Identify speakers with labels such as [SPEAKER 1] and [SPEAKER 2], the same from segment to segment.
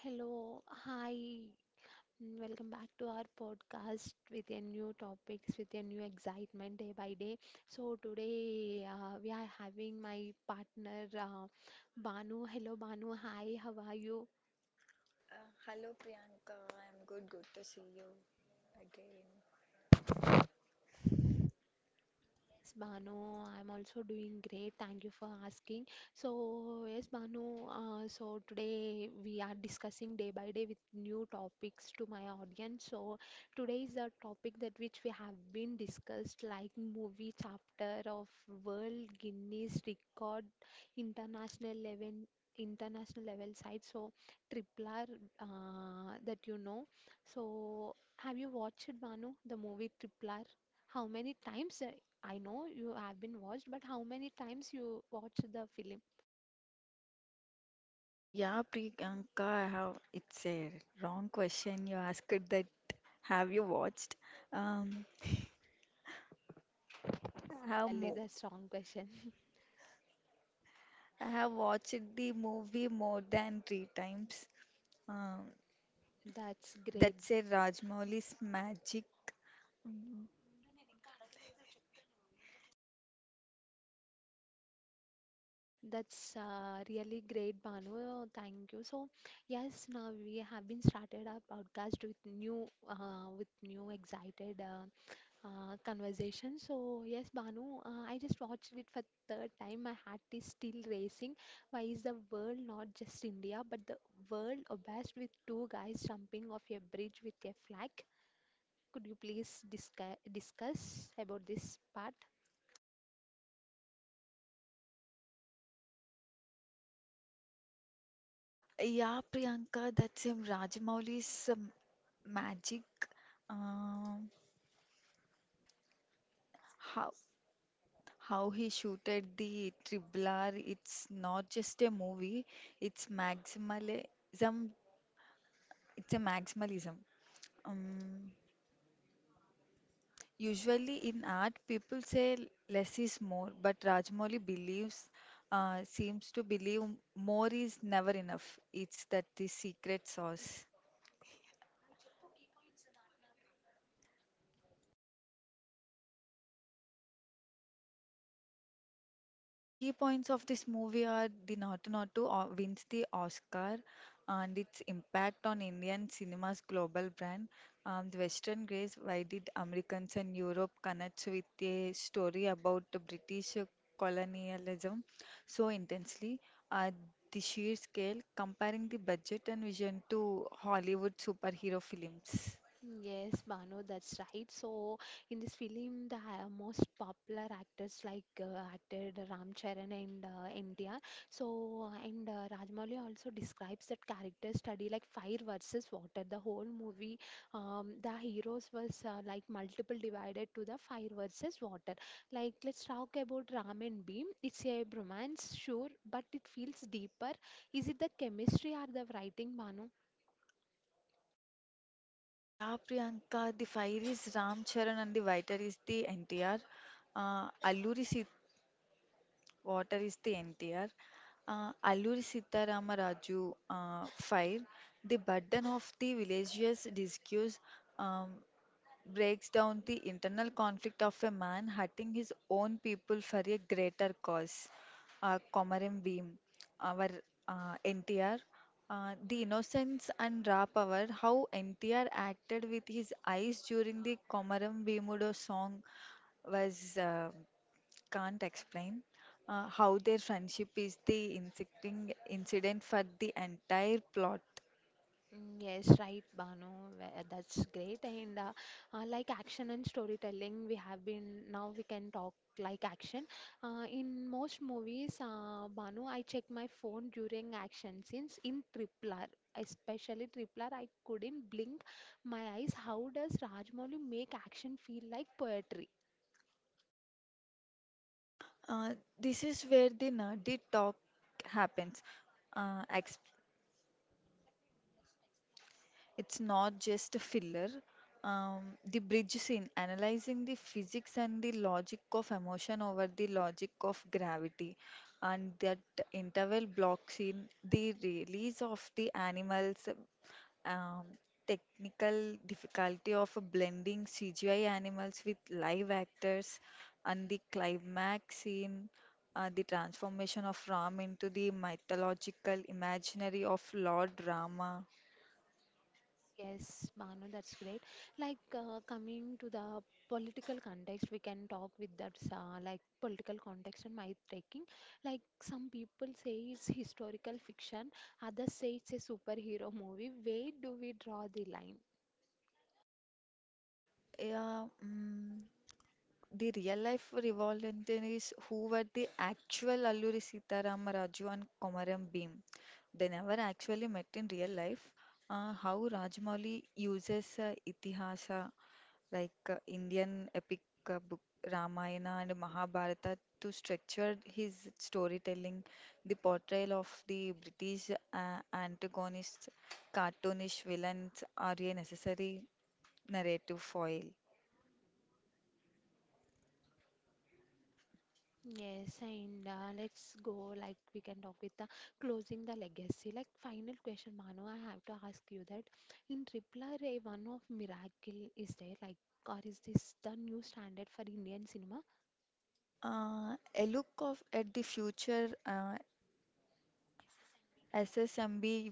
[SPEAKER 1] Hello, hi, and welcome back to our podcast with a new topics, with a new excitement day by day. So today we are having my partner Banu. Hello, Banu. Hi, how are you?
[SPEAKER 2] Hello Priyanka, I'm good. Good to see you again.
[SPEAKER 1] Yes, Banu, I'm also doing great. Thank you for asking. So, yes, Banu, so today we are discussing day by day with new topics to my audience. So, today is the topic that which we have been discussed, like movie chapter of World Guinness Record, International level international level site. So, Triple R, that. So, have you watched, Banu, the movie Triple R? How many times? I know you have been watched, but how many times you watch the film?
[SPEAKER 2] Yeah, Priyanka, I have it's a wrong question you asked that have you watched? Um, I have
[SPEAKER 1] Really,
[SPEAKER 2] mo
[SPEAKER 1] that's wrong question.
[SPEAKER 2] I have watched the movie more than three times. Um,
[SPEAKER 1] That's great.
[SPEAKER 2] that's a Rajmouli's magic.
[SPEAKER 1] That's really great, Banu. Thank you. So, yes, now we have been started our podcast with new, excited conversation. So, yes, Banu, I just watched it for third time. My heart is still racing. Why is the world, not just India, but the world obsessed with two guys jumping off a bridge with a flag? Could you please discuss about this part?
[SPEAKER 2] Yeah, Priyanka, that's a Rajmouli's magic. Um, how how he shooted the Triblar. It's not just a movie, it's maximalism. It's a maximalism. Um, usually in art, people say less is more, but Rajmoli believes, seems to believe more is never enough. It's that the secret sauce. Key points of this movie are the Naughty Naughty wins the Oscar and its impact on Indian cinema's global brand. The Western Grace, why did Americans and Europe connect with a story about the British colonialism so intensely? Uh, the sheer scale, comparing the budget and vision to Hollywood superhero films.
[SPEAKER 1] Yes, Banu, that's right. So, in this film, the most popular actors, like acted Ram Charan and NTR. So, and Rajmouli also describes that character study like fire versus water. The whole movie, the heroes was like multiple divided to the fire versus water. Like, let's talk about Ram and Beam. It's a bromance, sure, but it feels deeper. Is it the chemistry or the writing, Banu?
[SPEAKER 2] Yeah, Priyanka, the fire is Ram Charan and the writer is the NTR. Alluri Water is the NTR. Alluri Sitarama Raju fire. The burden of the villagers' discuss um, breaks down the internal conflict of a man hurting his own people for a greater cause. Komaram Bhim, our NTR, the innocence and raw power, how NTR acted with his eyes during the Komaram Bhimudo song was can't explain how their friendship is the inciting incident for the entire plot.
[SPEAKER 1] Mm, yes, right, Banu. That's great. And like action and storytelling, we have been now we can talk like action. In most movies, Banu, I check my phone during action scenes in Tripler, especially Tripler. I couldn't blink my eyes. How does Rajmouli make action feel like poetry?
[SPEAKER 2] This is where the nerdy talk happens. Uh, ex- it's not just a filler. Um, the bridge scene, analyzing the physics and the logic of emotion over the logic of gravity, and that interval block scene, the release of the animals, um, technical difficulty of blending CGI animals with live actors, and the climax scene, the transformation of Ram into the mythological imaginary of Lord Rama.
[SPEAKER 1] Yes, Banu, that's great. Like coming to the political context, we can talk with that, like political context and myth taking. Like some people say it's historical fiction, others say it's a superhero movie. Where do we draw the line?
[SPEAKER 2] Yeah, the real life revolved is who were the actual Alluri Sitaram Raju and Komaram Bhim. They never actually met in real life. How Rajamouli uses Itihasa like Indian epic book Ramayana and Mahabharata to structure his storytelling, the portrayal of the British antagonists, cartoonish villains are a necessary narrative foil.
[SPEAKER 1] Yes, and let's go. Like we can talk with the closing the legacy. Like final question, Manu, I have to ask you that in Tripler, a one of miracle is there, like, or is this the new standard for Indian cinema?
[SPEAKER 2] A look of at the future SSMB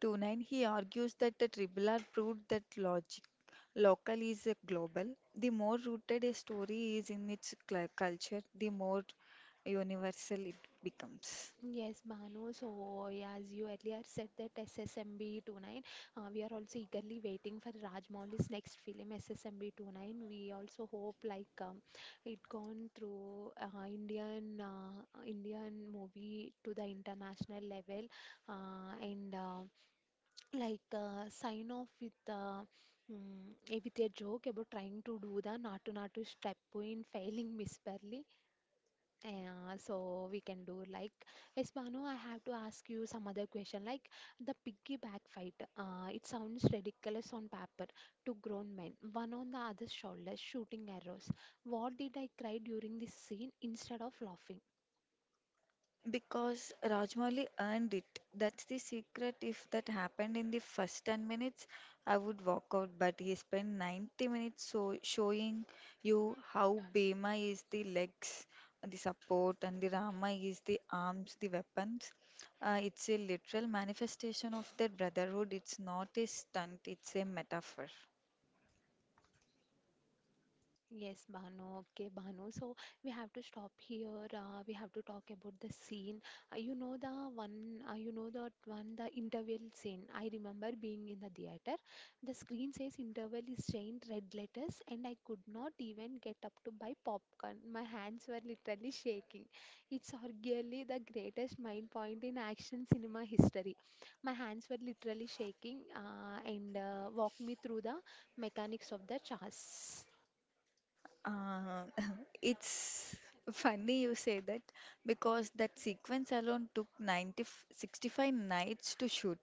[SPEAKER 2] 29, he argues that the triple R proved that logic, local is a global. The more rooted a story is in its culture, the more universal it becomes.
[SPEAKER 1] Yes, Bhanu. So, yeah, as you earlier said that SSMB 29, we are also eagerly waiting for Rajmouli's next film, SSMB 29. We also hope like it gone through Indian movie to the international level, and like sign off with a joke about trying to do the Natu Natu step in failing miserably. Yeah, so we can do, like, yes, Banu. I have to ask you some other question, like the piggyback fight. It sounds ridiculous on paper. Two grown men, one on the other's shoulder, shooting arrows. What did I cry during this scene instead of laughing?
[SPEAKER 2] Because Rajmouli earned it. That's the secret. If that happened in the first 10 minutes, I would walk out. But he spent 90 minutes so showing you how Bhima is the legs, the support, and the Rama is the arms, the weapons. It's a literal manifestation of that brotherhood. It's not a stunt, it's a metaphor.
[SPEAKER 1] Yes, Bhanu. Okay, Bhanu. So we have to stop here. We have to talk about the scene. You know the one. You know that one. The interval scene. I remember being in the theater. The screen says interval is giant red letters, and I could not even get up to buy popcorn. My hands were literally shaking. It's arguably the greatest mind point in action cinema history. My hands were literally shaking. And walk me through the mechanics of the chase.
[SPEAKER 2] Uh, it's funny you say that because that sequence alone took 90, 65 nights to shoot.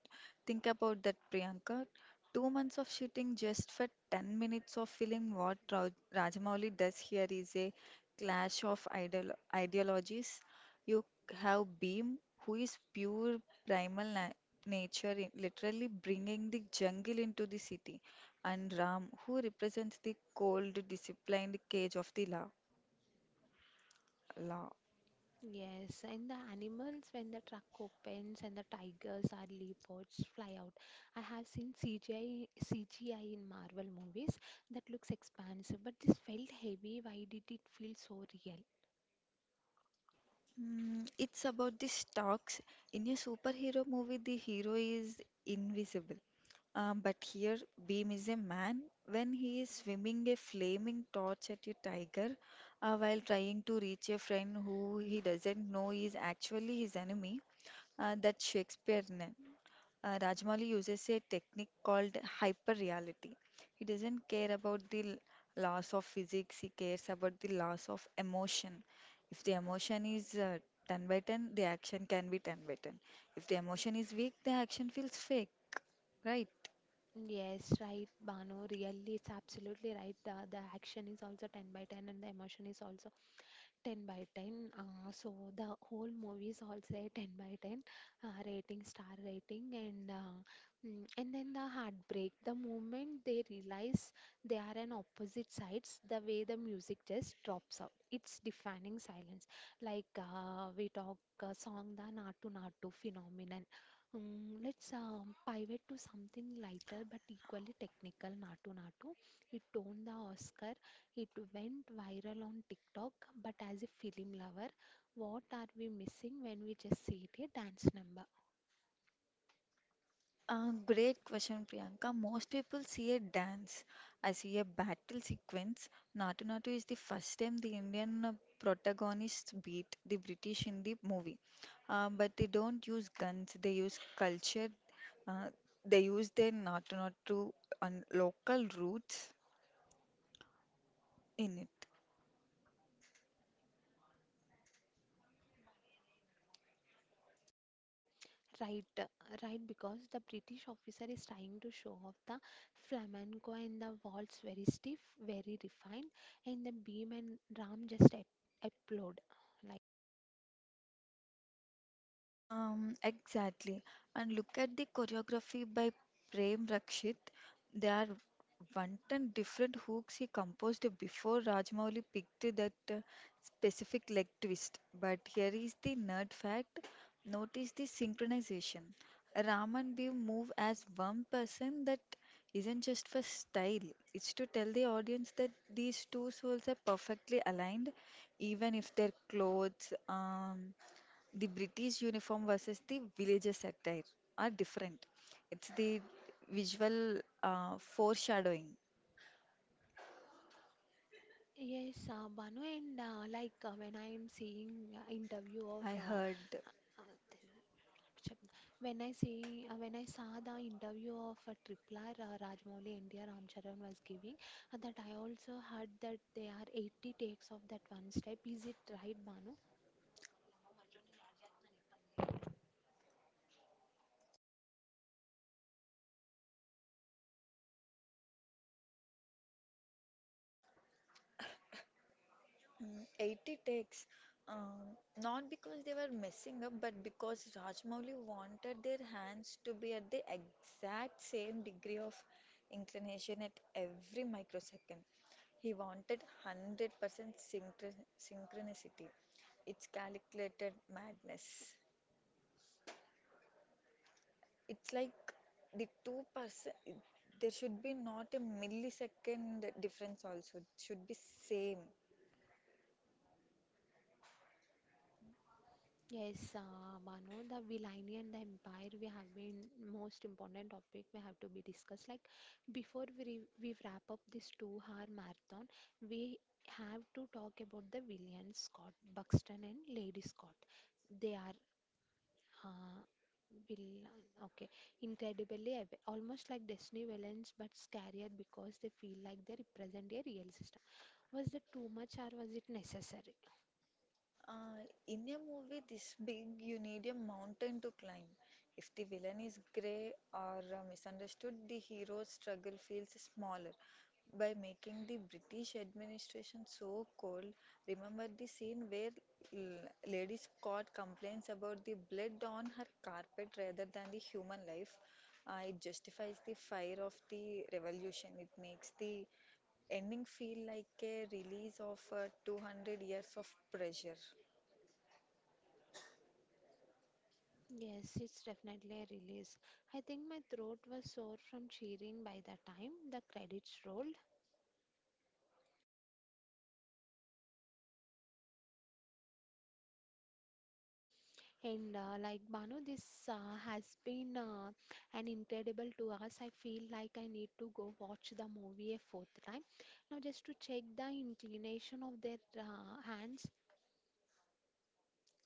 [SPEAKER 2] Think about that, Priyanka. 2 months of shooting just for 10 minutes of film. What Ra Rajamouli does here is a clash of ideologies. You have Beam, who is pure primal na nature, literally bringing the jungle into the city and Ram, who represents the cold, disciplined cage of the law.
[SPEAKER 1] Yes, and the animals, when the truck opens and the tigers or leopards fly out. I have seen CGI in Marvel movies that looks expansive, but this felt heavy. Why did it feel so real?
[SPEAKER 2] It's about the stocks. In a superhero movie, the hero is invisible. But here, Beam is a man when he is swimming a flaming torch at a tiger while trying to reach a friend who he doesn't know is actually his enemy. That Shakespearean. Rajmali uses a technique called hyperreality. He doesn't care about the loss of physics, he cares about the loss of emotion. If the emotion is 10 by 10, the action can be 10 by 10. If the emotion is weak, the action feels fake, right?
[SPEAKER 1] Yes, right, Bano. Really, it's absolutely right. The action is also 10 by 10, and the emotion is also 10 by 10. So the whole movies all say 10 by 10, rating, star rating, and then the heartbreak. The moment they realize they are on opposite sides, the way the music just drops out. It's defining silence. Like we talk, song the Natu Natu phenomenon. Let's pivot to something lighter but equally technical. Natu Natu. It won the Oscar, it went viral on TikTok, but as a film lover, what are we missing when we just see it a dance number?
[SPEAKER 2] Great question, Priyanka. Most people see a dance. I see a battle sequence. Natu Natu is the first time the Indian protagonists beat the British in the movie. But they don't use guns, they use culture. Uh, they use their Natu Natu and local roots in it.
[SPEAKER 1] Right, uh, right, because the British officer is trying to show off the flamenco and the waltz, very stiff, very refined, and the Beam and Ram just applaud. Like,
[SPEAKER 2] Exactly. And look at the choreography by Prem Rakshit. There are one ton different hooks he composed before Rajmouli picked that specific leg twist. But here is the nerd fact. Notice the synchronization. Ram and Biv move as one person that isn't just for style. It's to tell the audience that these two souls are perfectly aligned, even if their clothes, the British uniform versus the villagers' attire are different. It's the visual foreshadowing.
[SPEAKER 1] yes, Banu, and like, when I am seeing, interview of,
[SPEAKER 2] I heard
[SPEAKER 1] uh, Chap- when I saw the interview of Tripla, Rajmouli India Ramcharan was giving, that I also heard that there are 80 takes of that one step. Is it right, Banu?
[SPEAKER 2] 80 takes, not because they were messing up, but because Rajmouli wanted their hands to be at the exact same degree of inclination at every microsecond. He wanted 100% synchronicity. It's calculated madness. It's like the 2% there should be not a millisecond difference also it should be same.
[SPEAKER 1] Yes, Banu, the villainy and the empire we have been most important topic we have to be discussed. Like before we wrap up this 2-hour marathon, we have to talk about the villains Scott Buxton and Lady Scott. They are, Uh, villain. Okay. Incredibly, almost like Destiny villains, but scarier because they feel like they represent a real system. Was that too much or was it necessary?
[SPEAKER 2] Uh, in a movie this big, you need a mountain to climb. If the villain is grey or misunderstood, the hero's struggle feels smaller. By making the British administration so cold, remember the scene where Lady Scott complains about the blood on her carpet rather than the human life. It justifies the fire of the revolution. It makes the ending feel like a release of 200 years of pressure.
[SPEAKER 1] Yes, it's definitely a release. I think my throat was sore from cheering by the time the credits rolled. And like, Banu, this has been an incredible 2 hours. I feel like I need to go watch the movie a fourth time. Now, just to check the inclination of their hands,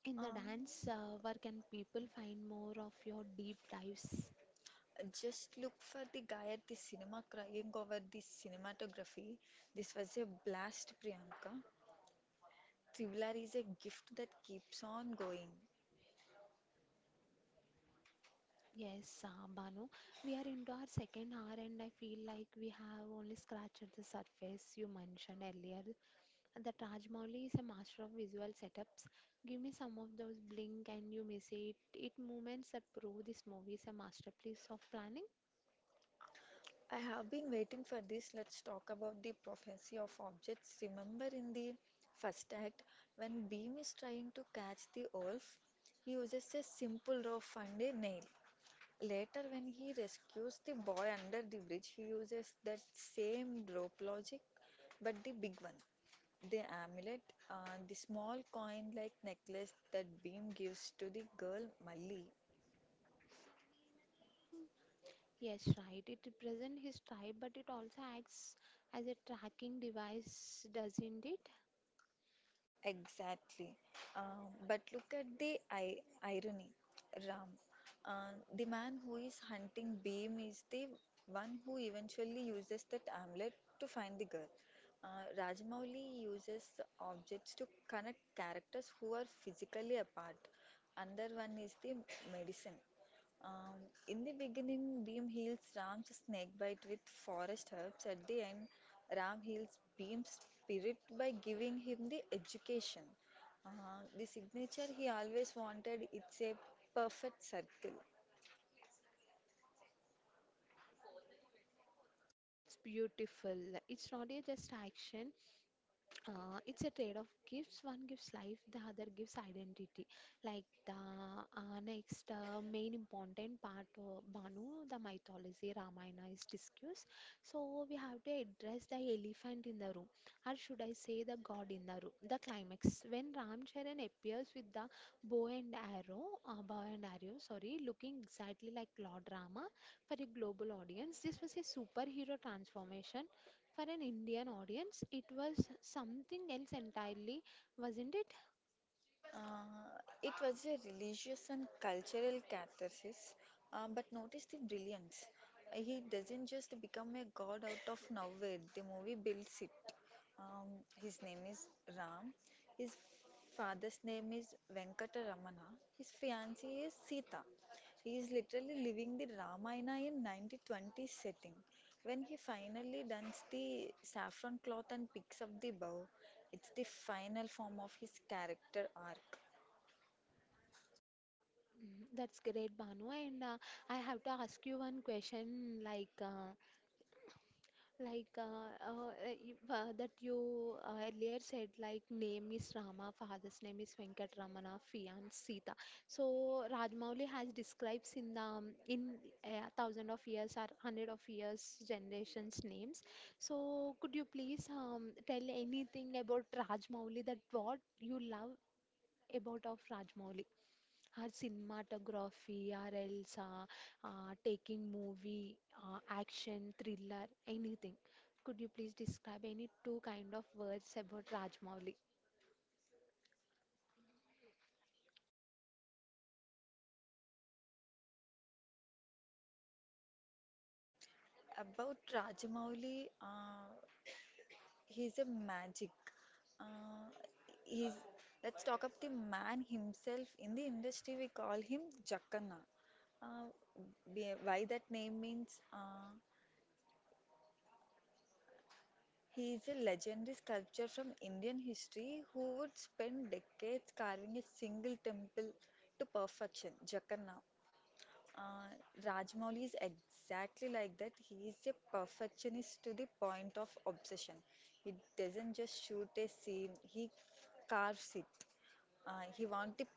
[SPEAKER 1] in the
[SPEAKER 2] Um,
[SPEAKER 1] dance, where can people find more of your deep dives?
[SPEAKER 2] just look for the guy at the cinema crying over the cinematography. This was a blast, Priyanka. Thriller is a gift that keeps on going.
[SPEAKER 1] Yes, Banu, we are into our second hour, and I feel like we have only scratched at the surface you mentioned earlier. The Rajmouli is a master of visual setups. Give me some of those blink and you miss it. It moments that prove this movie is a masterpiece of planning.
[SPEAKER 2] I have been waiting for this. Let's talk about the prophecy of objects. Remember in the first act, when Beam is trying to catch the wolf, he uses a simple rope and a nail. Later, when he rescues the boy under the bridge, he uses that same rope logic, but the big one. The amulet, uh, the small coin like necklace that Beam gives to the girl Malli.
[SPEAKER 1] Mm, yes, right. It represents his tribe, but it also acts as a tracking device, doesn't it?
[SPEAKER 2] Exactly. But look at the I irony, Ram. The man who is hunting Beam is the one who eventually uses that amulet to find the girl. Rajamouli uses objects to connect characters who are physically apart. Another one is the medicine. Um, in the beginning, Bhim heals Ram's snakebite with forest herbs. At the end, Ram heals Bhim's spirit by giving him the education. The signature he always wanted, it's a perfect circle.
[SPEAKER 1] That's beautiful. It's not a just action, it's a trade-off, gifts one gives life, the other gives identity, like the next main important part, Banu, the mythology Ramayana is discussed. So we have to address the elephant in the room, or should I say the god in the room, the climax when Ram Charan appears with the bow and arrow, sorry, looking exactly like Lord Rama. For a global audience this was a superhero transformation, for an Indian audience, it was something else entirely, wasn't it?
[SPEAKER 2] Uh, it was a religious and cultural catharsis, but notice the brilliance. He doesn't just become a god out of nowhere, the movie builds it. Um, his name is Ram. His father's name is Venkataramana. His fiancee is Sita. He is literally living the Ramayana in 1920s setting. When he finally dons the saffron cloth and picks up the bow, it's the final form of his character arc.
[SPEAKER 1] Mm, that's great, Banu. And I have to ask you one question, like, Like uh, uh, if, that you, earlier said, like, name is Rama, father's name is Venkatramana, fiance Sita. So Rajmouli has describes in thousand of years or hundred of years generations names. So could you please tell anything about Rajmouli, that what you love about of Rajmouli? Her cinematography, her Elsa, taking movie, action, thriller, anything. Could you please describe any two kind of words about Rajmouli?
[SPEAKER 2] About Rajamouli, he's a magic. Uh, he's, let's talk about the man himself. In the industry, we call him Jackana. Uh, why that name means he is a legendary sculptor from Indian history who would spend decades carving a single temple to perfection, Jagannath. Uh, Rajmouli is exactly like that. He is a perfectionist to the point of obsession. He doesn't just shoot a scene, he carves it. He wants the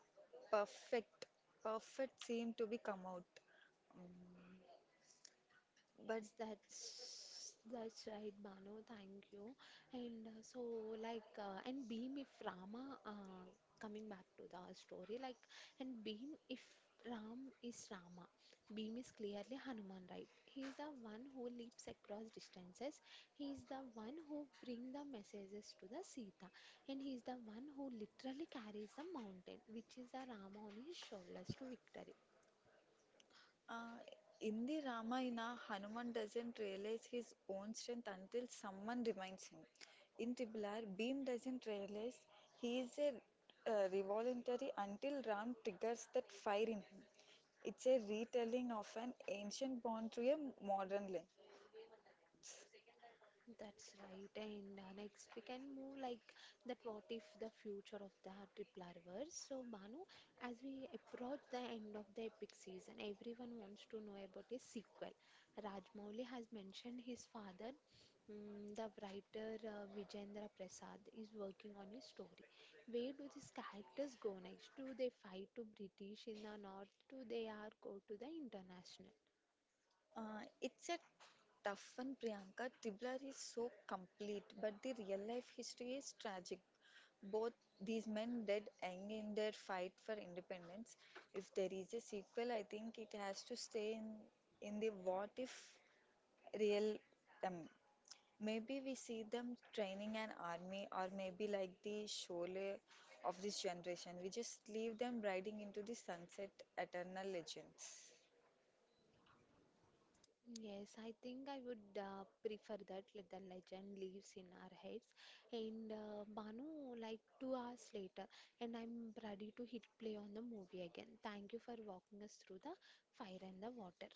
[SPEAKER 2] perfect, perfect scene to be come out. But
[SPEAKER 1] Yes, that's right, Bano. Thank you. And and Beam if Rama, coming back to the story, like, and Beam if Ram is Rama, Beam is clearly Hanuman, right? He is the one who leaps across distances. He is the one who bring the messages to the Sita, and he is the one who literally carries the mountain, which is the Rama on his shoulders to victory.
[SPEAKER 2] Uh, in the Ramayana, Hanuman doesn't realize his own strength until someone reminds him. In Tibular, Bhim doesn't realize he is a revolutionary until Ram triggers that fire in him. It's a retelling of an ancient bond through a modern lens.
[SPEAKER 1] That's right. And next we can move, like that, what if the future of the triple reverse. So, Banu, as we approach the end of the epic season, everyone wants to know about a sequel. Rajmouli has mentioned his father, the writer, Vijendra Prasad, is working on his story. Where do these characters go next? Do they fight to British in the north? Do they are go to the international?
[SPEAKER 2] It's a tough one, Priyanka. Tiblar is so complete, but the real life history is tragic. Both these men died young in their fight for independence. If there is a sequel, I think it has to stay in, the what if real them. Maybe we see them training an army, or maybe like the Sholay of this generation. We just leave them riding into the sunset, eternal legends.
[SPEAKER 1] Yes, I think I would prefer that, let the legend lives in our heads. And Banu, like, 2 hours later, and I'm ready to hit play on the movie again. Thank you for walking us through the fire and the water.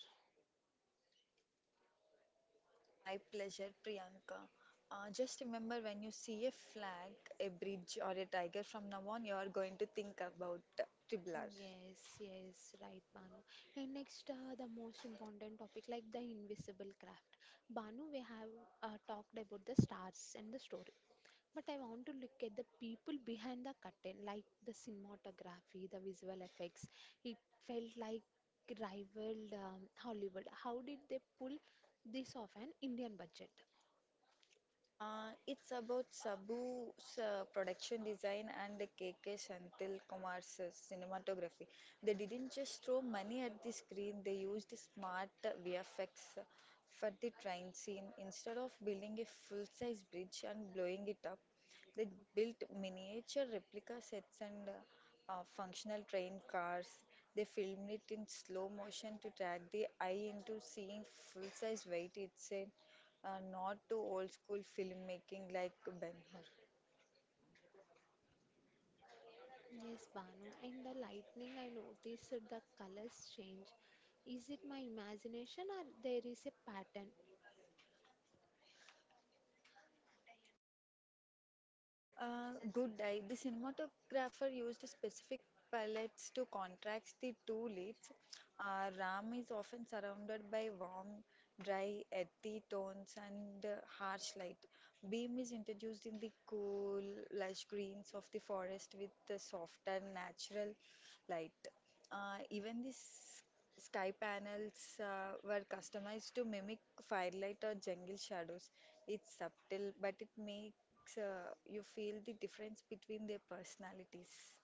[SPEAKER 2] My pleasure, Priyanka. Just remember when you see a flag, a bridge, or a tiger from now on, you are going to think about Triblar.
[SPEAKER 1] Yes, yes, right, Banu. And next, the most important topic, like the invisible craft. Banu, we have talked about the stars and the story, but I want to look at the people behind the curtain, like the cinematography, the visual effects. It felt like rivaled Hollywood. How did they pull this off an Indian budget?
[SPEAKER 2] It's about Sabu's production design and KK Shantil Kumar's cinematography. They didn't just throw money at the screen, they used smart VFX for the train scene. Instead of building a full size bridge and blowing it up, they built miniature replica sets and functional train cars. They filmed it in slow motion to drag the eye into seeing full size weight. It's a not to old school filmmaking like Ben Hur.
[SPEAKER 1] Yes, Banu. In the lightning, I noticed the colors change. Is it my imagination or there is a pattern?
[SPEAKER 2] Good eye. The cinematographer used specific palettes to contrast the two leads. Ram is often surrounded by warm, dry, earthy tones and harsh light. Beam is introduced in the cool, lush greens of the forest with the softer, natural light. Even the sky panels were customized to mimic firelight or jungle shadows. It's subtle, but it makes you feel the difference between their personalities.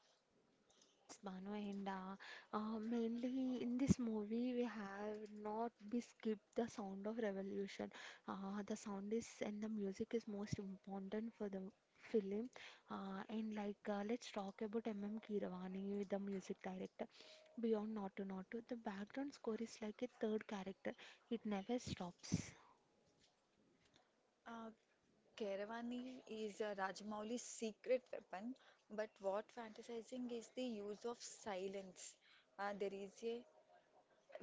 [SPEAKER 1] Yes, Banu, and mainly in this movie we have not be skipped the sound of revolution. The sound is and the music is most important for the film. And like, let's talk about M.M. Keeravani, the music director. Beyond Naughty Naughty, the background score is like a third character. It never stops.
[SPEAKER 2] Uh, Keravani is Rajamouli's secret weapon, but what fantasizing is the use of silence. There is a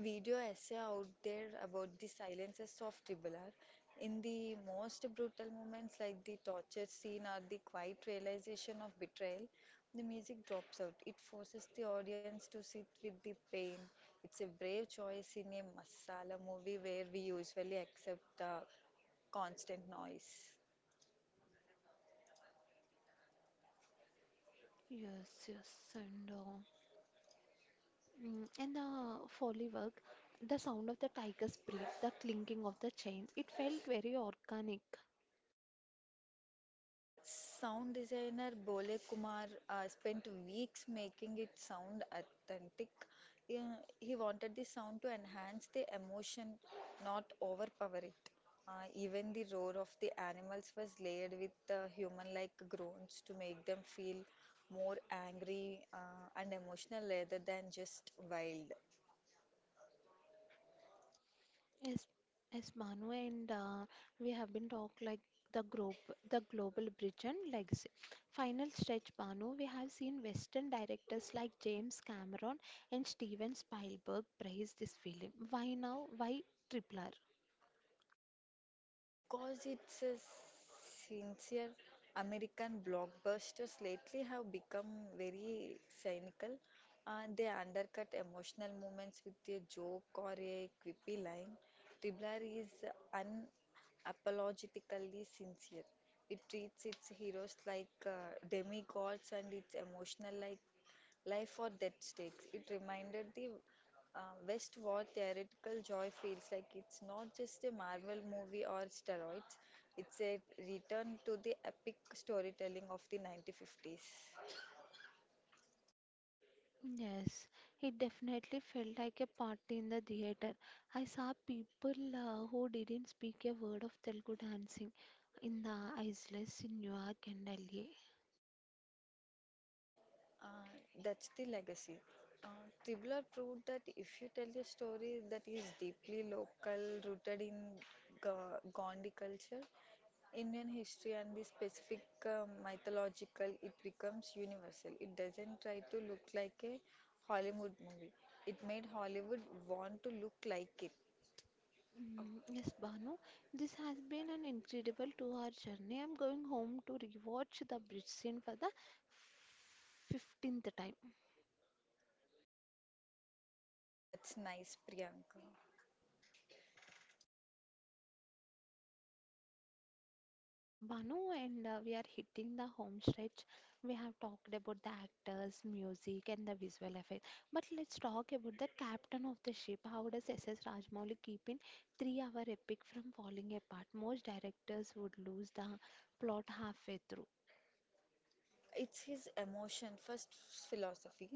[SPEAKER 2] video essay out there about the silences of Triple R. In the most brutal moments, like the torture scene or the quiet realization of betrayal, the music drops out. It forces the audience to sit with the pain. It's a brave choice in a masala movie where we usually accept the constant noise.
[SPEAKER 1] Yes, yes, and in the Foley work, the sound of the tiger's breath, the clinking of the chains, it felt very organic.
[SPEAKER 2] Sound designer Bole Kumar spent weeks making it sound authentic. He wanted the sound to enhance the emotion, not overpower it. Even the roar of the animals was layered with human-like groans to make them feel more angry and emotional rather than just wild.
[SPEAKER 1] Yes, yes, Manu, and we have been talk, like, the group, the global bridge and legacy. Final stretch, Manu, we have seen Western directors like James Cameron and Steven Spielberg praise this film. Why now? Why Triple.
[SPEAKER 2] Because it's a sincere. American blockbusters lately have become very cynical and they undercut emotional moments with a joke or a quippy line. Dribbler is unapologetically sincere. It treats its heroes like demigods and its emotional like life or death stakes. It reminded the West War theoretical joy feels like it's not just a Marvel movie or steroids, it's a return to the epic storytelling of the 1950s.
[SPEAKER 1] Yes, it definitely felt like a party in the theater. I saw people who didn't speak a word of Telugu dancing in the isles in New York and Delhi.
[SPEAKER 2] Uh, that's the legacy. Tribler proved that if you tell a story that is deeply local, rooted in Gondi culture, Indian history and the specific mythological, it becomes universal. It doesn't try to look like a Hollywood movie. It made Hollywood want to look like it.
[SPEAKER 1] Yes, Banu, this has been an incredible 2-hour journey. I'm going home to rewatch the bridge scene for the 15th time.
[SPEAKER 2] Oh, that's nice, Priyanka.
[SPEAKER 1] Okay, Banu, and we are hitting the home stretch. We have talked about the actors, music, and the visual effects. But let's talk about the captain of the ship. How does SS Rajmouli keep in 3-hour epic from falling apart? Most directors would lose the plot halfway through.
[SPEAKER 2] It's his emotion first philosophy.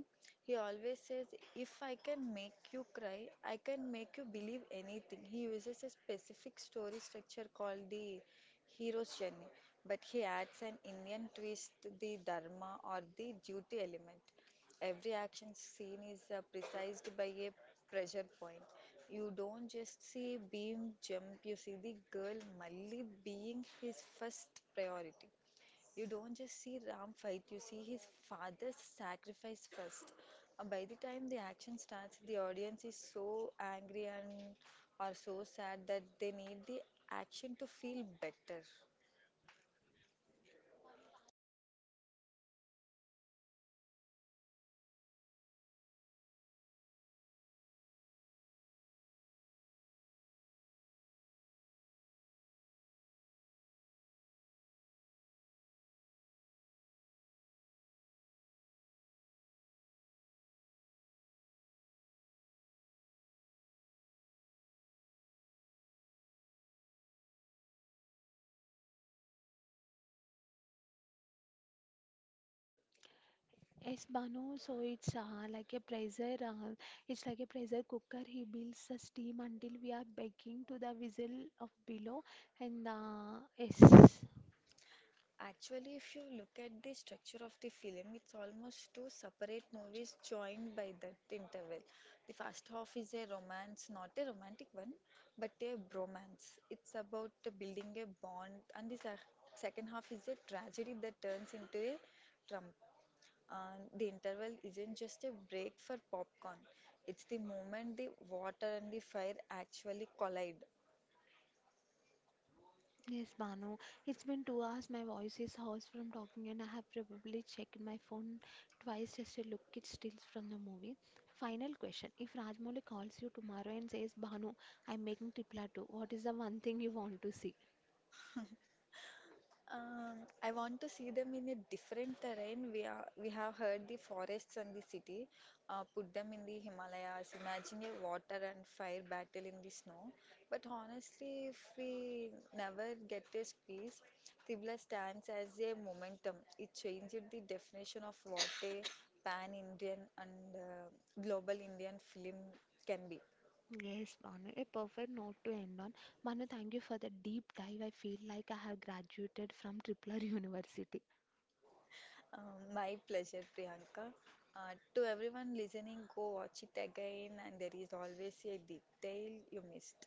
[SPEAKER 2] He always says, "If I can make you cry, I can make you believe anything." He uses a specific story structure called the hero's journey, but he adds an Indian twist, the dharma or the duty element. Every action scene is precised by a pressure point. You don't just see Beam jump, you see the girl Mali being his first priority. You don't just see Ram fight, you see his father's sacrifice first. By the time the action starts, the audience is so angry and are so sad that they need the action to feel better.
[SPEAKER 1] Yes, Banu, so it's it's like a pressure cooker. He builds the steam until we are begging to the whistle of below. And yes.
[SPEAKER 2] Actually, if you look at the structure of the film, it's almost two separate movies joined by that interval. The first half is a romance, not a romantic one, but a bromance. It's about building a bond, and the second half is a tragedy that turns into a trump. And the interval isn't just a break for popcorn, it's the moment the water and the fire actually collide.
[SPEAKER 1] Yes, Banu. It's been 2 hours. My voice is hoarse from talking, and I have probably checked my phone twice just to look at stills from the movie. Final question: if Rajmouli calls you tomorrow and says, "Banu, I'm making Tripla 2," what is the one thing you want to see?
[SPEAKER 2] Um, I want to see them in a different terrain. We have heard the forests and the city. Put them in the Himalayas. Imagine a water and fire battle in the snow. But honestly, if we never get this peace, Tibla stands as a momentum. It changed the definition of what a pan-Indian and global Indian film can be.
[SPEAKER 1] Yes, Banu. A perfect note to end on. Banu, thank you for the deep dive. I feel like I have graduated from Tripler University.
[SPEAKER 2] My pleasure, Priyanka. To everyone listening, go watch it again, and there is always a detail you missed.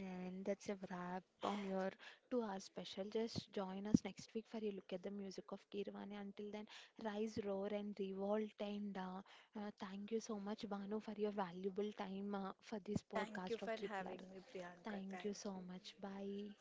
[SPEAKER 1] And that's a wrap on your 2-hour special. Just join us next week for a look at the music of Kirvani. Until then, rise, roar, and revolt. And thank you so much, Banu, for your valuable time, for this
[SPEAKER 2] Thank you
[SPEAKER 1] podcast
[SPEAKER 2] for
[SPEAKER 1] of Tripler.
[SPEAKER 2] having me, Priyanka.
[SPEAKER 1] Thank you
[SPEAKER 2] Thank you.
[SPEAKER 1] so much. Bye.